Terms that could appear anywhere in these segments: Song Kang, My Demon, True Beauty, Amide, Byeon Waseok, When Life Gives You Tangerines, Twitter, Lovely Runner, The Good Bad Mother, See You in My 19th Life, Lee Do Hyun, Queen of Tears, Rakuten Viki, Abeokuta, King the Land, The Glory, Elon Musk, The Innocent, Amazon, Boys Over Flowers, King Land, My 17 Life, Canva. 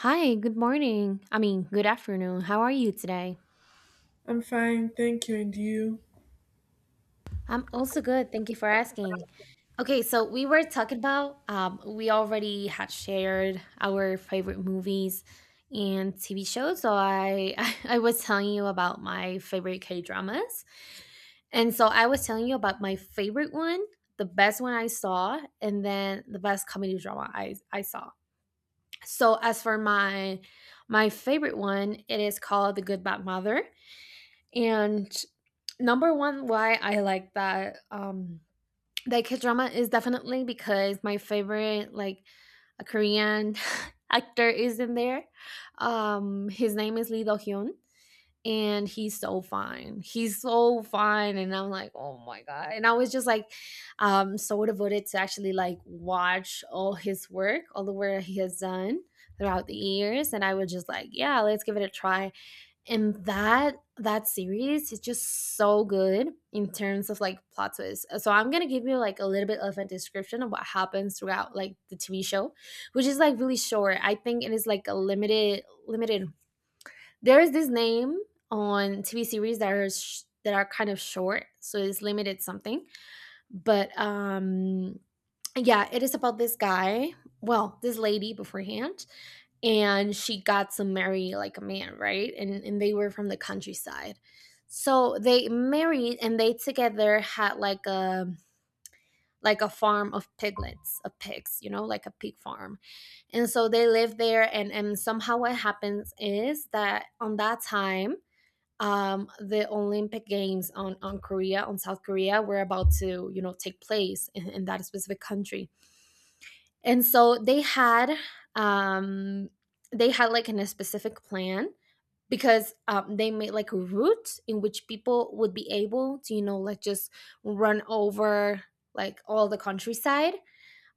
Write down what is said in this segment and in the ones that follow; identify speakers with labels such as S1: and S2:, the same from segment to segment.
S1: Hi, good morning. I mean, good afternoon. How are you today?
S2: I'm fine, thank you. And you?
S1: I'm also good. Thank you for asking. Okay, so we were talking about, we already had shared our favorite movies and TV shows. So I was telling you about my favorite K dramas. And so I was telling you about my favorite one, the best one I saw, and then the best comedy drama I saw. So as for my favorite one, it is called The Good Bad Mother. And number one, why I like that that K drama is definitely because my favorite like a Korean actor is in there. His name is Lee Do Hyun, and he's so fine. He's so fine, and I'm like, oh my god! And I was just like, so devoted to actually like watch all his work, all the work he has done throughout the years, and I was just like, yeah, let's give it a try and that series is just so good in terms of like plot twists. So I'm gonna give you like a little bit of a description of what happens throughout like the TV show, which is like really short. I think it is like a limited, there is this name on TV series that that are kind of short, so it's limited something. But yeah, it is about this guy, well, this lady beforehand, and she got to marry like a man, right? And they were from the countryside. So they married and they together had like a farm of piglets, of pigs, you know, like a pig farm. And so they lived there and somehow what happens is that on that time the Olympic Games on Korea, on South Korea, were about to, you know, take place in that specific country. And so um they had like in a specific plan because they made like a route in which people would be able to, you know, like just run over like all the countryside.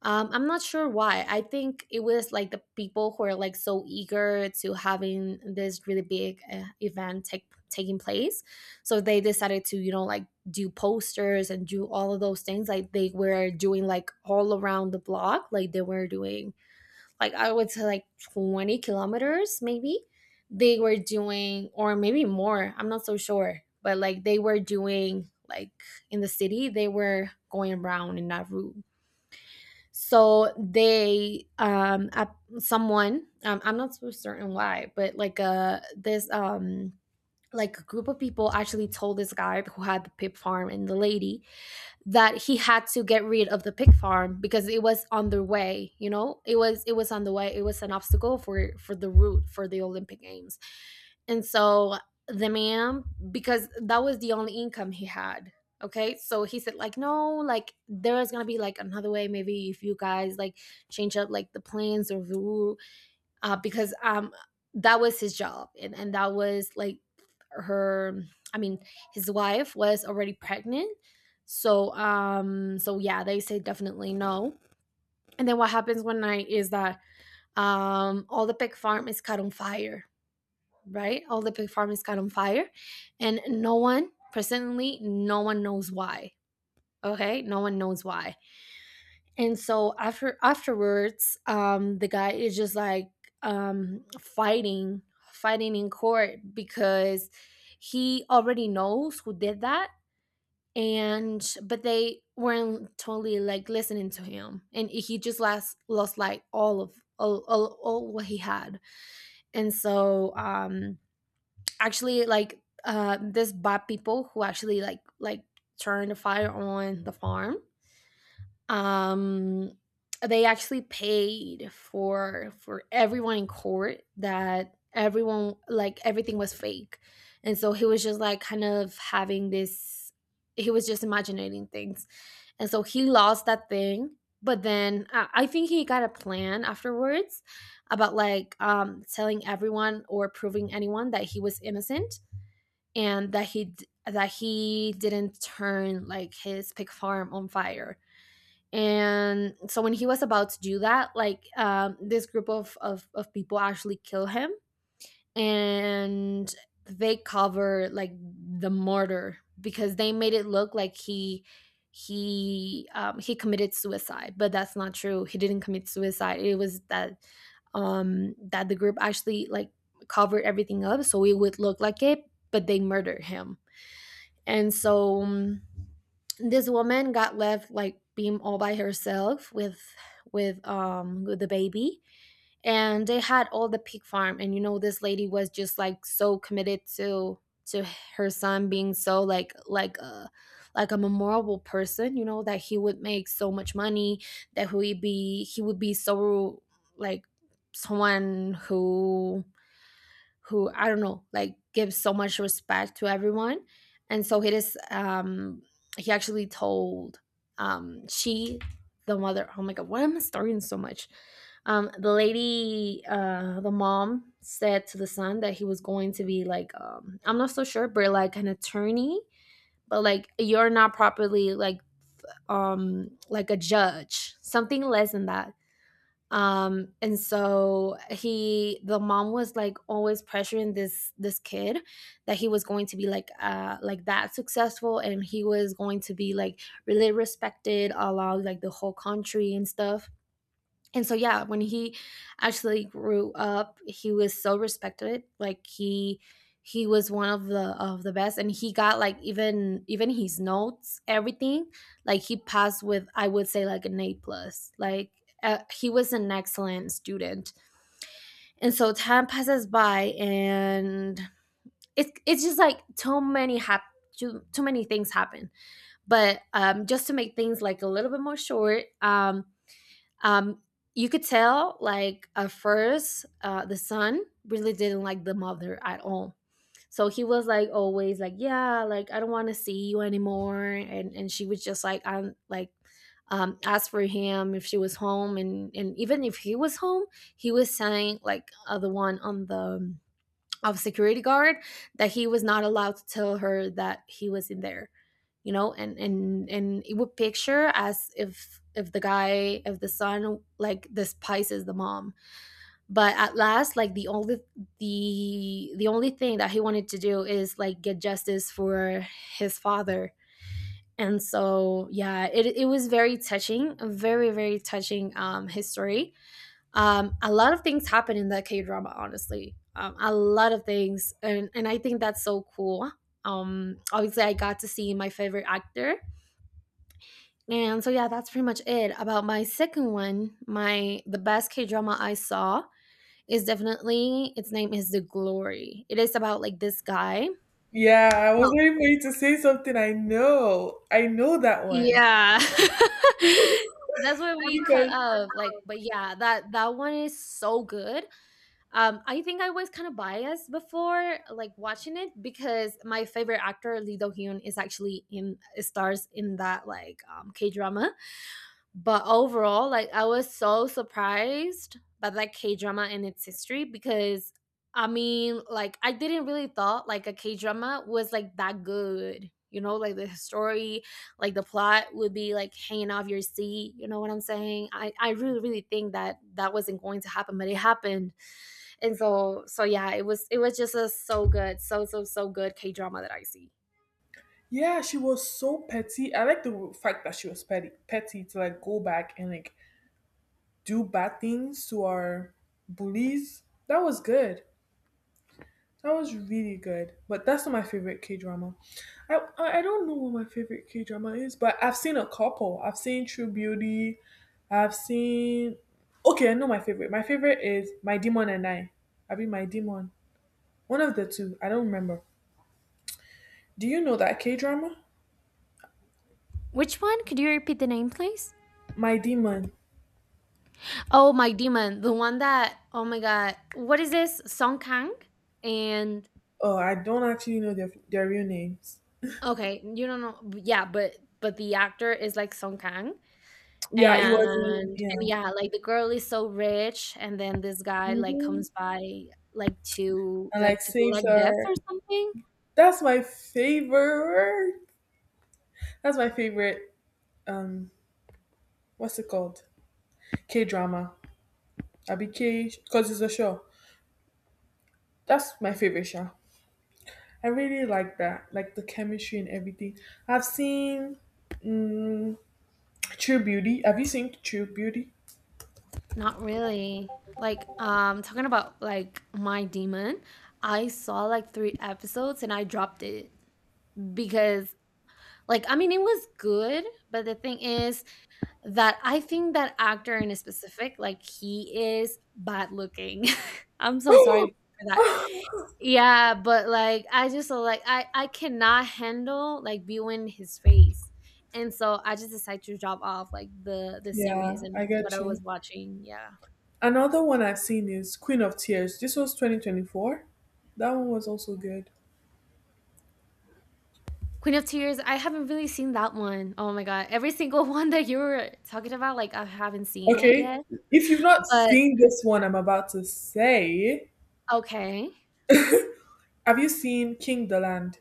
S1: I'm not sure why. I think it was like the people who are like so eager to having this really big event take taking place, so they decided to, you know, like do posters and do all of those things. Like they were doing like all around the block. Like they were doing like I would say like 20 kilometers maybe. They were doing, or maybe more. I'm not so sure, but like they were doing like in the city. They were going around in that route. So they someone, I'm not so certain why, but like this like a group of people actually told this guy who had the pig farm and the lady that he had to get rid of the pig farm because it was on the way, you know, it was on the way, it was an obstacle for the route for the Olympic Games. And so the man, because that was the only income he had. Okay, so he said like, no, like there is gonna be like another way, maybe if you guys like change up like the plans or the rule, because that was his job, and that was like her, I mean, his wife was already pregnant. So yeah, they say definitely no. And then what happens one night is that all the pig farm is caught on fire, right, all the pig farm is caught on fire, and no one personally, no one knows why. Okay, no one knows why. And so afterwards, the guy is just like, fighting, fighting in court because he already knows who did that. And but they weren't totally like listening to him and he just lost like all of all what he had. And so um, actually this bad people who actually like turned the fire on the farm, um, they actually paid for everyone in court that everyone like everything was fake. And so he was just like kind of having this, he was just imagining things. And so he lost that thing, but then I think he got a plan afterwards about like telling everyone or proving anyone that he was innocent, and that he didn't turn like his pig farm on fire. And so when he was about to do that, like, this group of people actually kill him, and they cover like the murder because they made it look like he committed suicide. But that's not true, he didn't commit suicide. It was that that the group actually like covered everything up so it would look like it, but they murdered him. And so this woman got left like being all by herself with with the baby, and they had all the pig farm. And you know, this lady was just like so committed to her son being so like like a memorable person, you know, that he would make so much money, that he would be so like someone who I don't know, like gives so much respect to everyone. And so he actually told, she the mother, oh my god, why am I starting so much? The mom said to the son that he was going to be like, um, I'm not so sure, but like an attorney, but like you're not properly like, um, like a judge, something less than that. And so he The mom was like always pressuring this kid that he was going to be like that successful, and he was going to be like really respected along like the whole country and stuff. And so yeah, when he actually grew up, he was so respected. Like he was one of the best, and he got like even his notes, everything, like he passed with I would say like an A plus. Like he was an excellent student. And so time passes by, and it's just like too many things happen. But um, just to make things like a little bit more short, um, you could tell, like at first, the son really didn't like the mother at all. So he was like always like, yeah, like I don't want to see you anymore, and she was just like, I'm like, ask for him if she was home, and even if he was home, he was saying like, the one on the of security guard that he was not allowed to tell her that he was in there, you know. And it would picture as if the guy if the son like despises the mom, but at last like the only, the only thing that he wanted to do is like get justice for his father. And so yeah, it was very touching, a very touching history. Um, a lot of things happen in that K drama, honestly. A lot of things, and I think that's so cool. Obviously, I got to see my favorite actor, and so yeah, that's pretty much it about my second one. My The best K drama I saw is definitely, its name is The Glory. It is about like this guy.
S2: Yeah, I was
S1: Well,
S2: waiting for you to say something. I know that one.
S1: yeah. That's where we cut
S2: because
S1: up. Like, but yeah, that that one is so good. I think I was kind of biased before, like watching it, because my favorite actor Lee Do Hyun is actually in stars in that like, K drama. But overall, like I was so surprised by that K drama and its history because I mean, like I didn't really thought like a K drama was like that good. You know, like the story, like the plot would be like hanging off your seat. You know what I'm saying? I really really think that that wasn't going to happen, but it happened. And so so yeah, it was, it was just a so good, so so so good K drama that I see.
S2: Yeah, she was so petty. I like the fact that she was petty, petty to like go back and like do bad things to our bullies. That was good. That was really good, but that's not my favorite K drama. I don't know what my favorite K drama is, but I've seen a couple. I've seen True Beauty. I've seen. Okay, I know my favorite. My favorite is My Demon and I. I mean, My Demon. One of the two. I don't remember. Do you know that K drama?
S1: Which one? Could you repeat the name, please?
S2: My Demon.
S1: Oh, my demon, the one that, oh my god, what is this, Song Kang and...
S2: Oh, I don't actually know their real names.
S1: Okay, you don't know. Yeah, but the actor is like Song Kang.
S2: Yeah, it
S1: and
S2: was in,
S1: and
S2: yeah.
S1: yeah, like the girl is so rich, and then this guy like
S2: Hmm.
S1: comes by like to
S2: And like
S1: to
S2: saves
S1: collect debts or
S2: her.
S1: something.
S2: That's my favorite. That's my favorite, um, what's it called? K drama. Abi K because it's a show. That's my favorite show. I really like that, like the chemistry and everything. I've seen, mm, True Beauty. Have you seen True Beauty?
S1: Not really. Talking about like my demon, I saw like three episodes and I dropped it because, I mean, it was good, but the thing is that I think that actor in specific, like, he is bad looking. I'm so sorry for that. Yeah, but like, I just so, like I cannot handle like viewing his face, and so I just decided to drop off like the
S2: Yeah,
S1: series
S2: I
S1: and what I
S2: get
S1: was
S2: you.
S1: watching. Yeah.
S2: Another one I've seen is Queen of Tears. This was 2024. That one was also good.
S1: Queen of Tears, I haven't really seen that one. Oh my god, every single one that you were talking about, like I haven't seen it
S2: Okay,
S1: yet.
S2: if you've not
S1: But
S2: seen this one I'm about to say,
S1: okay.
S2: have you seen King the Land?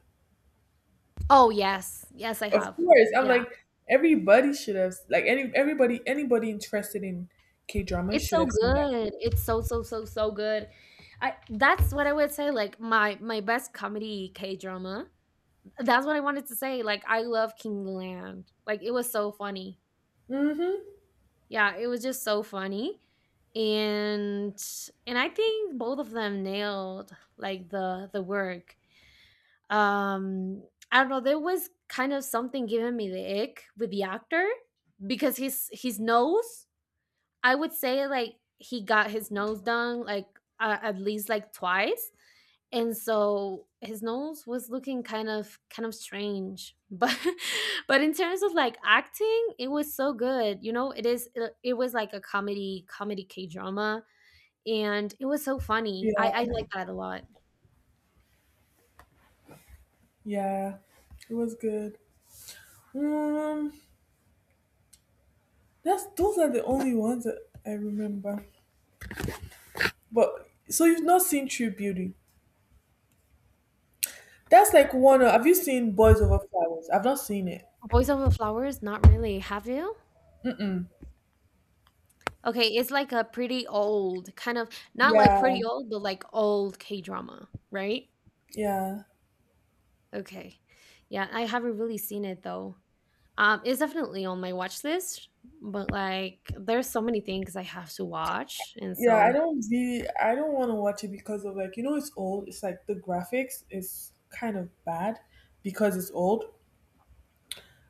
S1: Oh yes, yes I
S2: Of
S1: have.
S2: course, I'm
S1: Yeah,
S2: like everybody should have like, any everybody, anybody interested in K drama
S1: it's
S2: should
S1: so
S2: have seen that.
S1: good. It's so so so so good. I that's what I would say. Like my best comedy K drama. That's what I wanted to say. Like I love King Land. Like it was so funny.
S2: Mm-hmm.
S1: Yeah, it was just so funny, and I think both of them nailed like the work. um I don't know, there was kind of something giving me the ick with the actor because his nose. I would say like he got his nose done like, at least like twice, and so his nose was looking kind of strange, but but in terms of like acting it was so good, you know, it is it was like a comedy K drama, and it was so funny.
S2: Yeah,
S1: I like that a lot.
S2: yeah, it was good. Um, that's, those are the only ones that I remember. But so you've not seen True Beauty? That's like one. Of, have you seen Boys Over Flowers? I've not seen it.
S1: Boys Over Flowers, not really, have you?
S2: Mm.
S1: Okay, it's like a pretty old kind of, not like
S2: Yeah,
S1: pretty old, but like old K drama, right?
S2: yeah,
S1: Okay. Yeah, I haven't really seen it though. It's definitely on my watch list, but like there's so many things I have to watch, and
S2: yeah. I
S1: so
S2: don't really, I don't want to watch it because of, like it's old. It's like the graphics is kind of bad because it's old.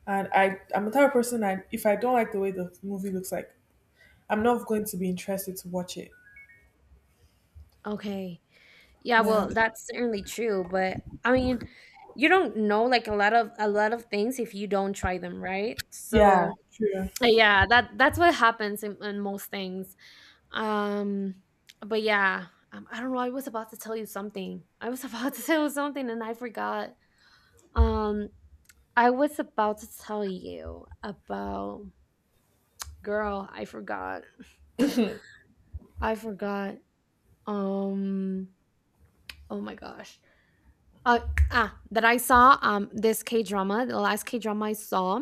S2: And I, I'm the type of person, I, if I don't like the way the movie looks like, I'm not going to be interested to watch it.
S1: okay. Yeah,
S2: Yeah.
S1: well, that's certainly true, but I mean, you don't know like a lot of things if you don't try them, right?
S2: Yeah,
S1: So
S2: true.
S1: yeah, that's what happens in most things. Um, but yeah, I don't know, I was about to tell you something. I was about to tell you something and I forgot. Um, I was about to tell you about, girl, I forgot. I forgot. Um, oh my gosh. Uh, that I saw this K drama, the last K drama I saw,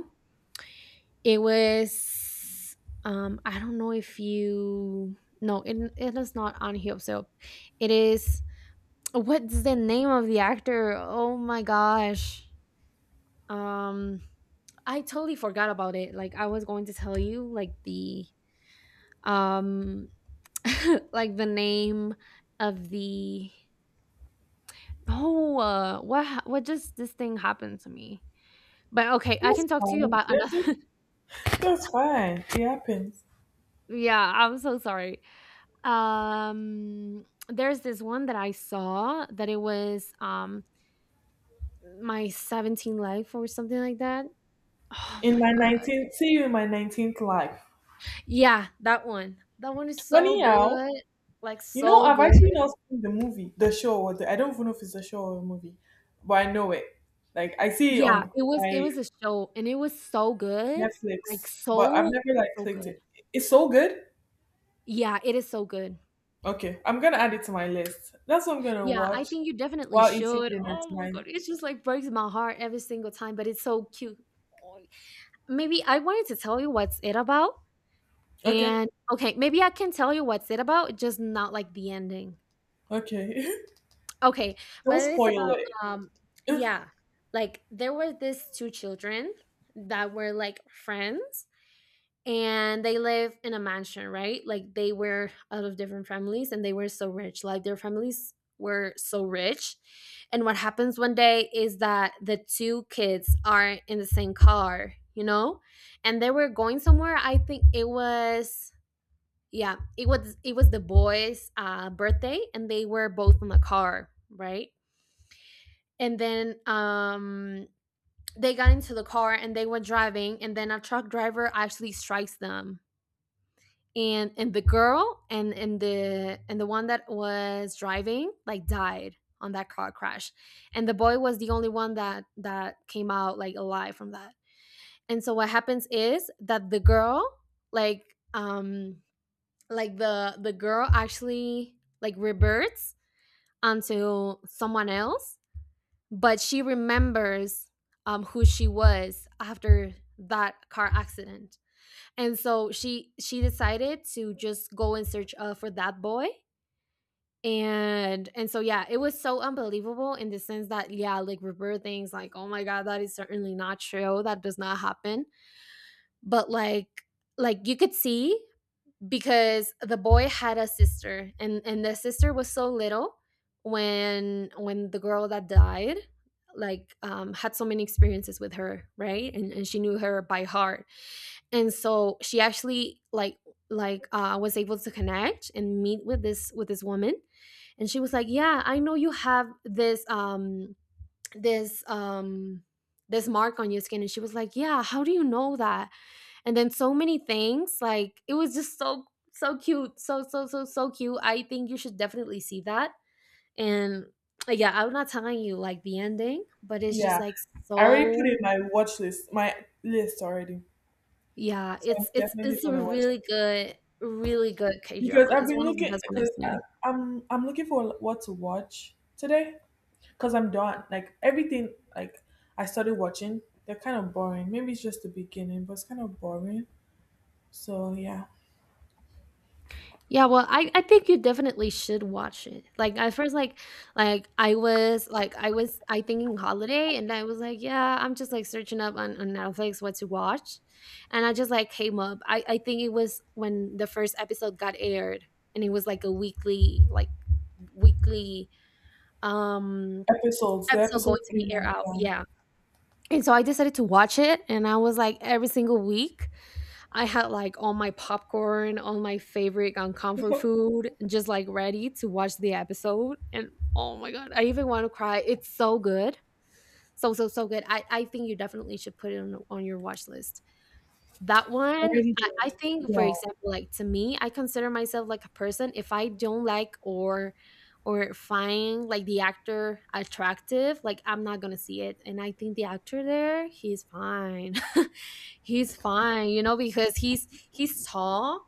S1: it was I don't know if you, no, it is not on Hyoseo. It is, what's the name of the actor? Oh my gosh. Um I totally forgot about it. Like I was going to tell you like the um like the name of the. Oh, what just this thing happened to me. But okay, I
S2: That's
S1: can talk to you
S2: fine.
S1: about
S2: that-
S1: another.
S2: That's fine. It happens.
S1: Yeah, I'm so sorry. Um there's this one that I saw that it was my 17 life or something like that. Oh
S2: In my
S1: my.
S2: 19th, see you in my 19th life.
S1: Yeah, that one. That one is so
S2: Funny how,
S1: good. Like so
S2: I've
S1: good.
S2: actually not seen the movie, the show, or the, I don't even know if it's a show or a movie, but I know it. Like, I see it
S1: Yeah,
S2: on
S1: it
S2: my
S1: was a show and it was so good. Like
S2: Netflix, but I've
S1: so
S2: never, like,
S1: so
S2: clicked
S1: good.
S2: it. It's so good.
S1: Yeah, it is so good.
S2: Okay, I'm gonna add it to my list. That's what I'm gonna
S1: Yeah, I
S2: watch
S1: think you definitely
S2: while eating
S1: should.
S2: dinner
S1: Oh my
S2: tonight.
S1: god, it just like breaks my heart every single time, but it's so cute. Oh, maybe I wanted to tell you what's it about.
S2: Okay,
S1: And okay, maybe I can tell you what's it about, just not like the ending.
S2: okay.
S1: Okay,
S2: Don't
S1: but it's
S2: spoil
S1: about,
S2: it.
S1: yeah, like there were these two children that were like friends and they live in a mansion, right? Like they were out of different families and they were so rich. Like their families were so rich. And what happens one day is that the two kids are in the same car, you know? And they were going somewhere. I think it was, yeah, it was the boys' birthday and they were both in the car, right? And then they got into the car and they went driving, and then a truck driver actually strikes them, and the girl and the and the one that was driving like died on that car crash, and the boy was the only one that came out like alive from that. And so what happens is that the girl, like, um like the girl actually like reverts onto someone else, but she remembers, who she was after that car accident. And so she decided to just go in search, for that boy. And so yeah, it was so unbelievable in the sense that, yeah, like reverse things, like oh my god, that is certainly not true, that does not happen, but like you could see, because the boy had a sister, and the sister was so little when the girl that died like, had so many experiences with her, right? And she knew her by heart, and so she actually like was able to connect and meet with this woman. And she was like, yeah, I know you have this this this mark on your skin. And she was like, yeah, how do you know that? And then so many things, like it was just so so cute, so so cute. I think you should definitely see that. And yeah, I'm not telling you like the ending, but it's just
S2: Yeah,
S1: like
S2: I already put
S1: so,
S2: it in my watch list, my list already.
S1: yeah,
S2: So I'm
S1: it's it's
S2: definitely
S1: it's a
S2: gonna watch it
S1: really good K
S2: because
S1: drama.
S2: I've
S1: It's
S2: been
S1: one of the
S2: looking,
S1: best one I've
S2: because
S1: seen.
S2: I'm looking for what to watch today because I'm done. Like everything, like I started watching, they're kind of boring. Maybe it's just the beginning, but it's kind of boring. So yeah,
S1: Yeah, well, I think you definitely should watch it. Like at first, like I was like, I was I thinking holiday, and I was like, yeah, I'm just like searching up on Netflix what to watch, and I just like came up. I think it was when the first episode got aired, and it was like a weekly like weekly um
S2: episodes. The
S1: episode going
S2: episodes
S1: to
S2: came
S1: be air out.
S2: out.
S1: Yeah, and so I decided to watch it, and I was like every single week, I had like all my popcorn, all my favorite and comfort
S2: Yeah.
S1: food, just like ready to watch the episode. And oh my god, I even want to cry. It's so good. So so so good. I think you definitely should put it on your watch list. That one,
S2: Already
S1: I
S2: did.
S1: think for
S2: Yeah.
S1: example, like to me, I consider myself like a person, if I don't like or find like the actor attractive, like I'm not gonna see it. And I think the actor there, he's fine. He's fine, you know, because he's tall,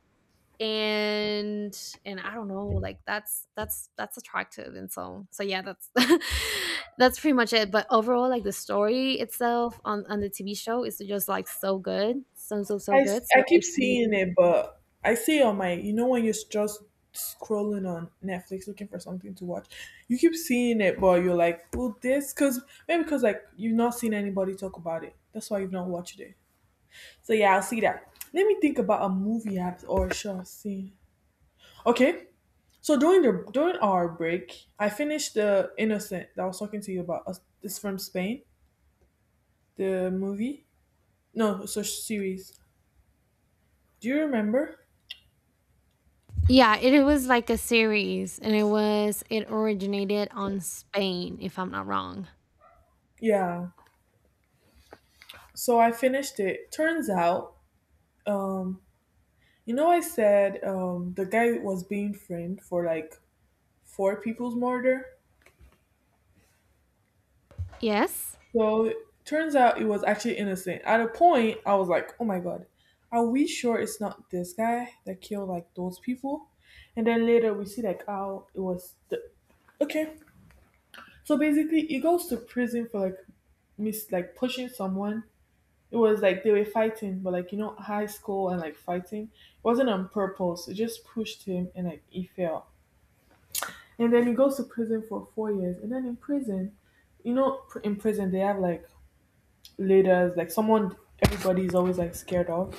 S1: and I don't know, like that's attractive. And so so yeah, that's that's pretty much it. But overall, like the story itself on the TV show is just like so good. So so so good. So
S2: I keep
S1: if
S2: seeing
S1: you,
S2: it, but I see on my, when you're just scrolling on Netflix looking for something to watch, you keep seeing it, but you're like, well, this, because maybe because like you've not seen anybody talk about it. That's why you've not watched it. So yeah, I'll see that. Let me think about a movie app or a show I've seen. Okay. So during the during our break, I finished the Innocent that I was talking to you about. It's from Spain, the movie. No, so series. Do you remember?
S1: yeah, it was like a series, and it was, it originated on Spain, if I'm not wrong.
S2: Yeah. So I finished it. Turns out, um, you know, I said, the guy was being framed for like four people's murder.
S1: Yes?
S2: So it turns out it was actually innocent. At a point, I was like, oh my God, are we sure it's not this guy that killed like those people? And then later we see like how it was. Okay. So basically, he goes to prison for like, mis like pushing someone. It was like they were fighting, but like, you know, high school and like fighting. It wasn't on purpose. It just pushed him and like he fell. And then he goes to prison for 4 years. And then in prison, you know, in prison they have like leaders, like someone everybody is always like scared of.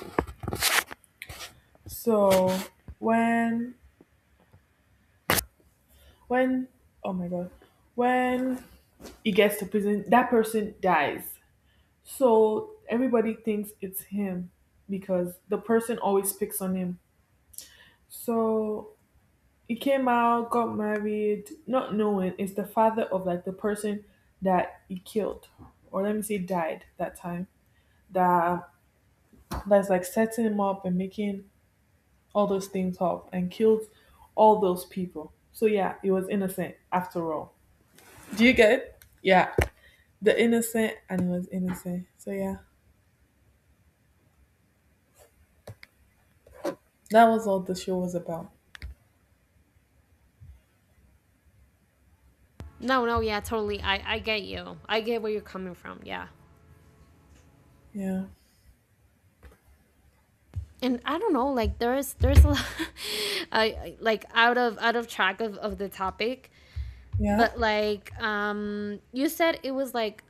S2: So when when oh my god, when he gets to prison, that person dies. So everybody thinks it's him because the person always picks on him. So he came out, got married, not knowing it's the father of like the person that he killed, or let me say died that time. That, that's like setting him up and making all those things up and killed all those people. So yeah, he was innocent after all. Do you get it? Yeah, the innocent and he was innocent. So yeah, that was all the show was about.
S1: No, no, yeah, totally. I get you. I get where you're coming from. Yeah.
S2: Yeah,
S1: And I don't know, like there's a lot, like out of track of the topic,
S2: yeah,
S1: but like you said it was like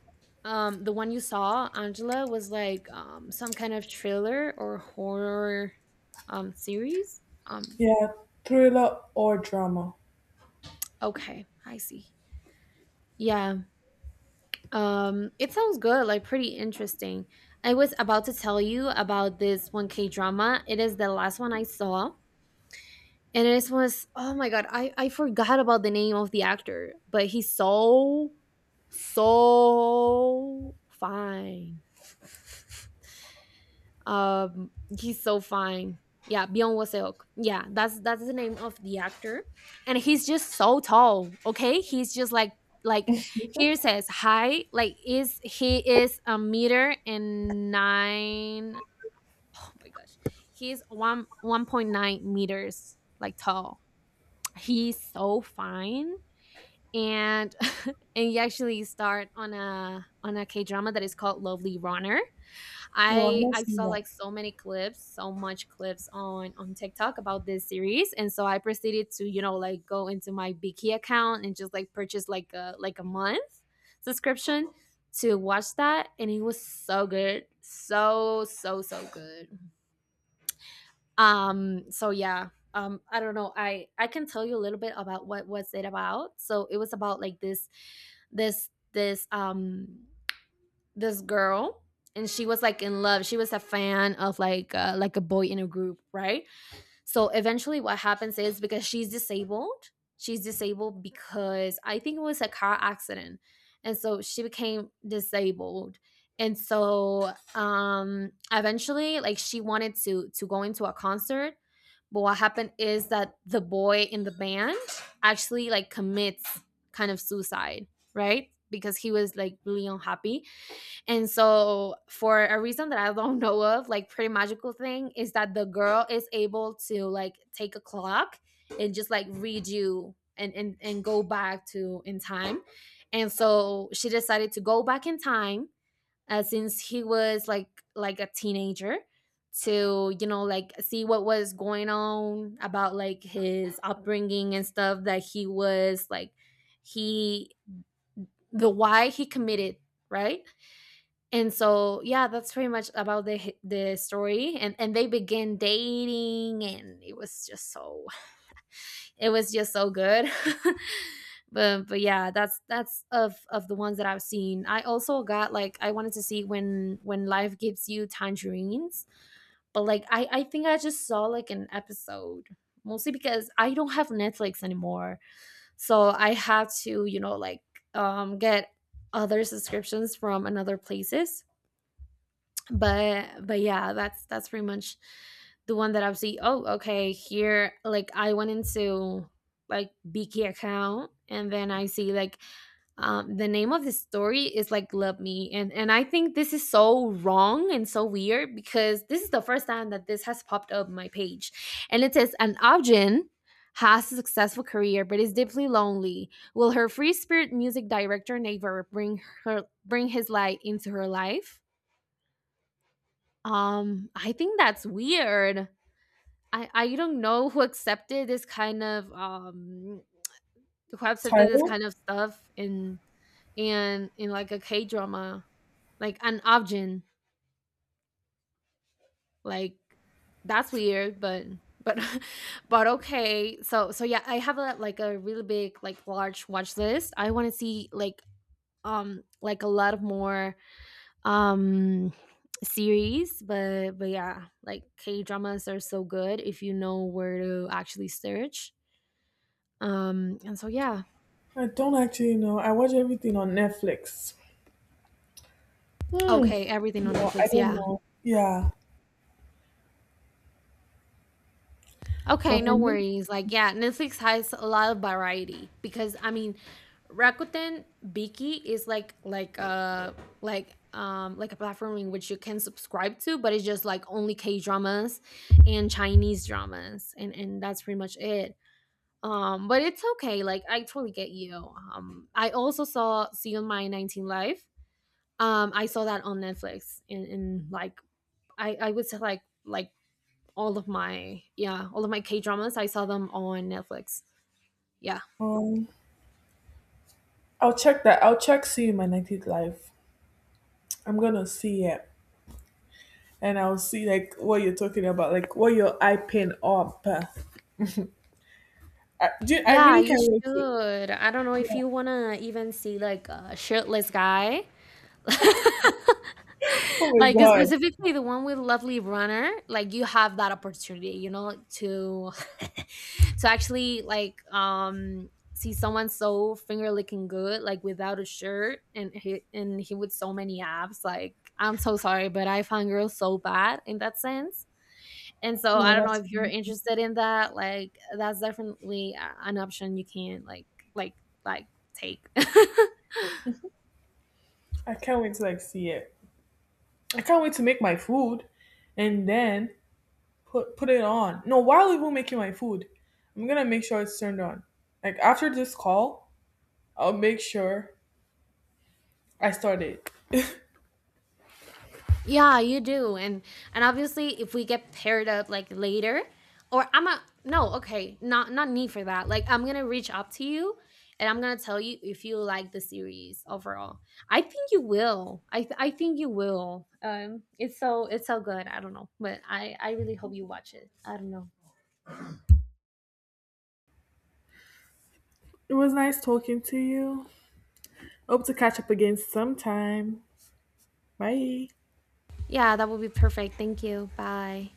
S1: the one you saw Angela was like some kind of thriller or horror series.
S2: yeah. Thriller or drama?
S1: Okay, I see. Yeah. It sounds good, like pretty interesting. I was about to tell you about this 1 K drama. It is the last one I saw, and it was, oh my god, I forgot about the name of the actor, but he's so so fine. um he's so fine. Yeah, Byeon Waseok, yeah, that's the name of the actor. And he's just so tall. Okay, he's just like, here says high, like is he, is a meter and nine. Oh my gosh, he's one 1.9 meters like tall. He's so fine. And and you actually start on a K drama that is called Lovely Runner.
S2: Well, I've
S1: I
S2: not
S1: I
S2: seen
S1: saw
S2: that
S1: like so many clips, so much clips on TikTok about this series, and so I proceeded to, you know, like go into my Viki account and just like purchase like a month subscription to watch that. And it was so good, so so so good. So yeah, I don't know, I can tell you a little bit about what was it about. So it was about like this this um this girl, and she was like in love, she was a fan of like, like a boy in a group, right? So eventually, what happens is because she's disabled because I think it was a car accident. And so she became disabled. And so eventually, like she wanted to go into a concert, but what happened is that the boy in the band actually like commits kind of suicide, right? Because he was like really unhappy. And so, for a reason that I don't know of, like pretty magical thing is that the girl is able to like take a clock and just like read you and go back to in time. And so she decided to go back in time since he was like a teenager to you know like see what was going on about like his upbringing and stuff that he was like he the why he committed, right? And so, yeah, that's pretty much about the story. And they began dating, and it was just so it was just so good. But yeah, that's of the ones that I've seen. I also got like I wanted to see when life gives you tangerines, but like I think I just saw like an episode, mostly because I don't have Netflix anymore, so I had to you know like get other subscriptions from another places. But yeah, that's pretty much the one that I see. Oh, okay, here, like I went into like Biki account and then I see like the name of the story is like Love Me. And I think this is so wrong and so weird because this is the first time that this has popped up my page, and it says an Arjun has a successful career but is deeply lonely. Will her free spirit music director neighbor bring her bring his light into her life? I think that's weird. I don't know who accepted this kind of who accepted this
S2: title.
S1: kind of stuff in in like a K drama, like an objin. Like that's weird, but but okay. So yeah, I have a like a really big like large watch list. I want to see like a lot of more um series. But yeah, like K dramas are so good if you know where to actually search, and so yeah.
S2: I don't actually know. I watch everything on Netflix. Hmm.
S1: Okay, everything on
S2: No, I
S1: Netflix,
S2: don't
S1: yeah.
S2: know. Yeah,
S1: Okay,
S2: but for
S1: no
S2: me,
S1: worries. Like, yeah, Netflix has a lot of variety because I mean Rakuten Viki is like like like a platform in which you can subscribe to, but it's just like only K dramas and Chinese dramas, and that's pretty much it. But it's okay. Like I totally get you. I also saw See You on My 19th Life. I saw that on Netflix in, like I would say like all of my, yeah, all of my K dramas, I saw them on Netflix. Yeah.
S2: um, I'll check that. I'll check See You in My 19th Life. I'm gonna see it, and I'll see like what you're talking about, like what you're hyping up. I
S1: Yeah,
S2: really
S1: you
S2: can't wait to.
S1: should. I don't know
S2: Yeah.
S1: if you wanna even see like a shirtless guy.
S2: Oh my
S1: Like
S2: god!
S1: specifically the one with Lovely Runner, like you have that opportunity, you know, to to actually like see someone so finger licking good, like without a shirt, and he with so many abs. Like I'm so sorry, but I find girls so bad in that sense. And so I
S2: No,
S1: don't know
S2: that's.
S1: if you're interested in that. Like that's definitely an option you can like like take.
S2: I can't wait to like see it. I can't wait to make my food, and then put, it on. No, while we were making my food, I'm gonna make sure it's turned on. Like after this call, I'll make sure I start it.
S1: Yeah, you do. And obviously if we get paired up like later, or I'm a no, okay, not need for that. Like I'm going to reach up to you, and I'm going to tell you if you like the series overall. I think you will. I think you will. It's so it's so good. I don't know, but I really hope you watch it. I don't know.
S2: It was nice talking to you. Hope to catch up again sometime. Bye.
S1: Yeah, that would be perfect. Thank you. Bye.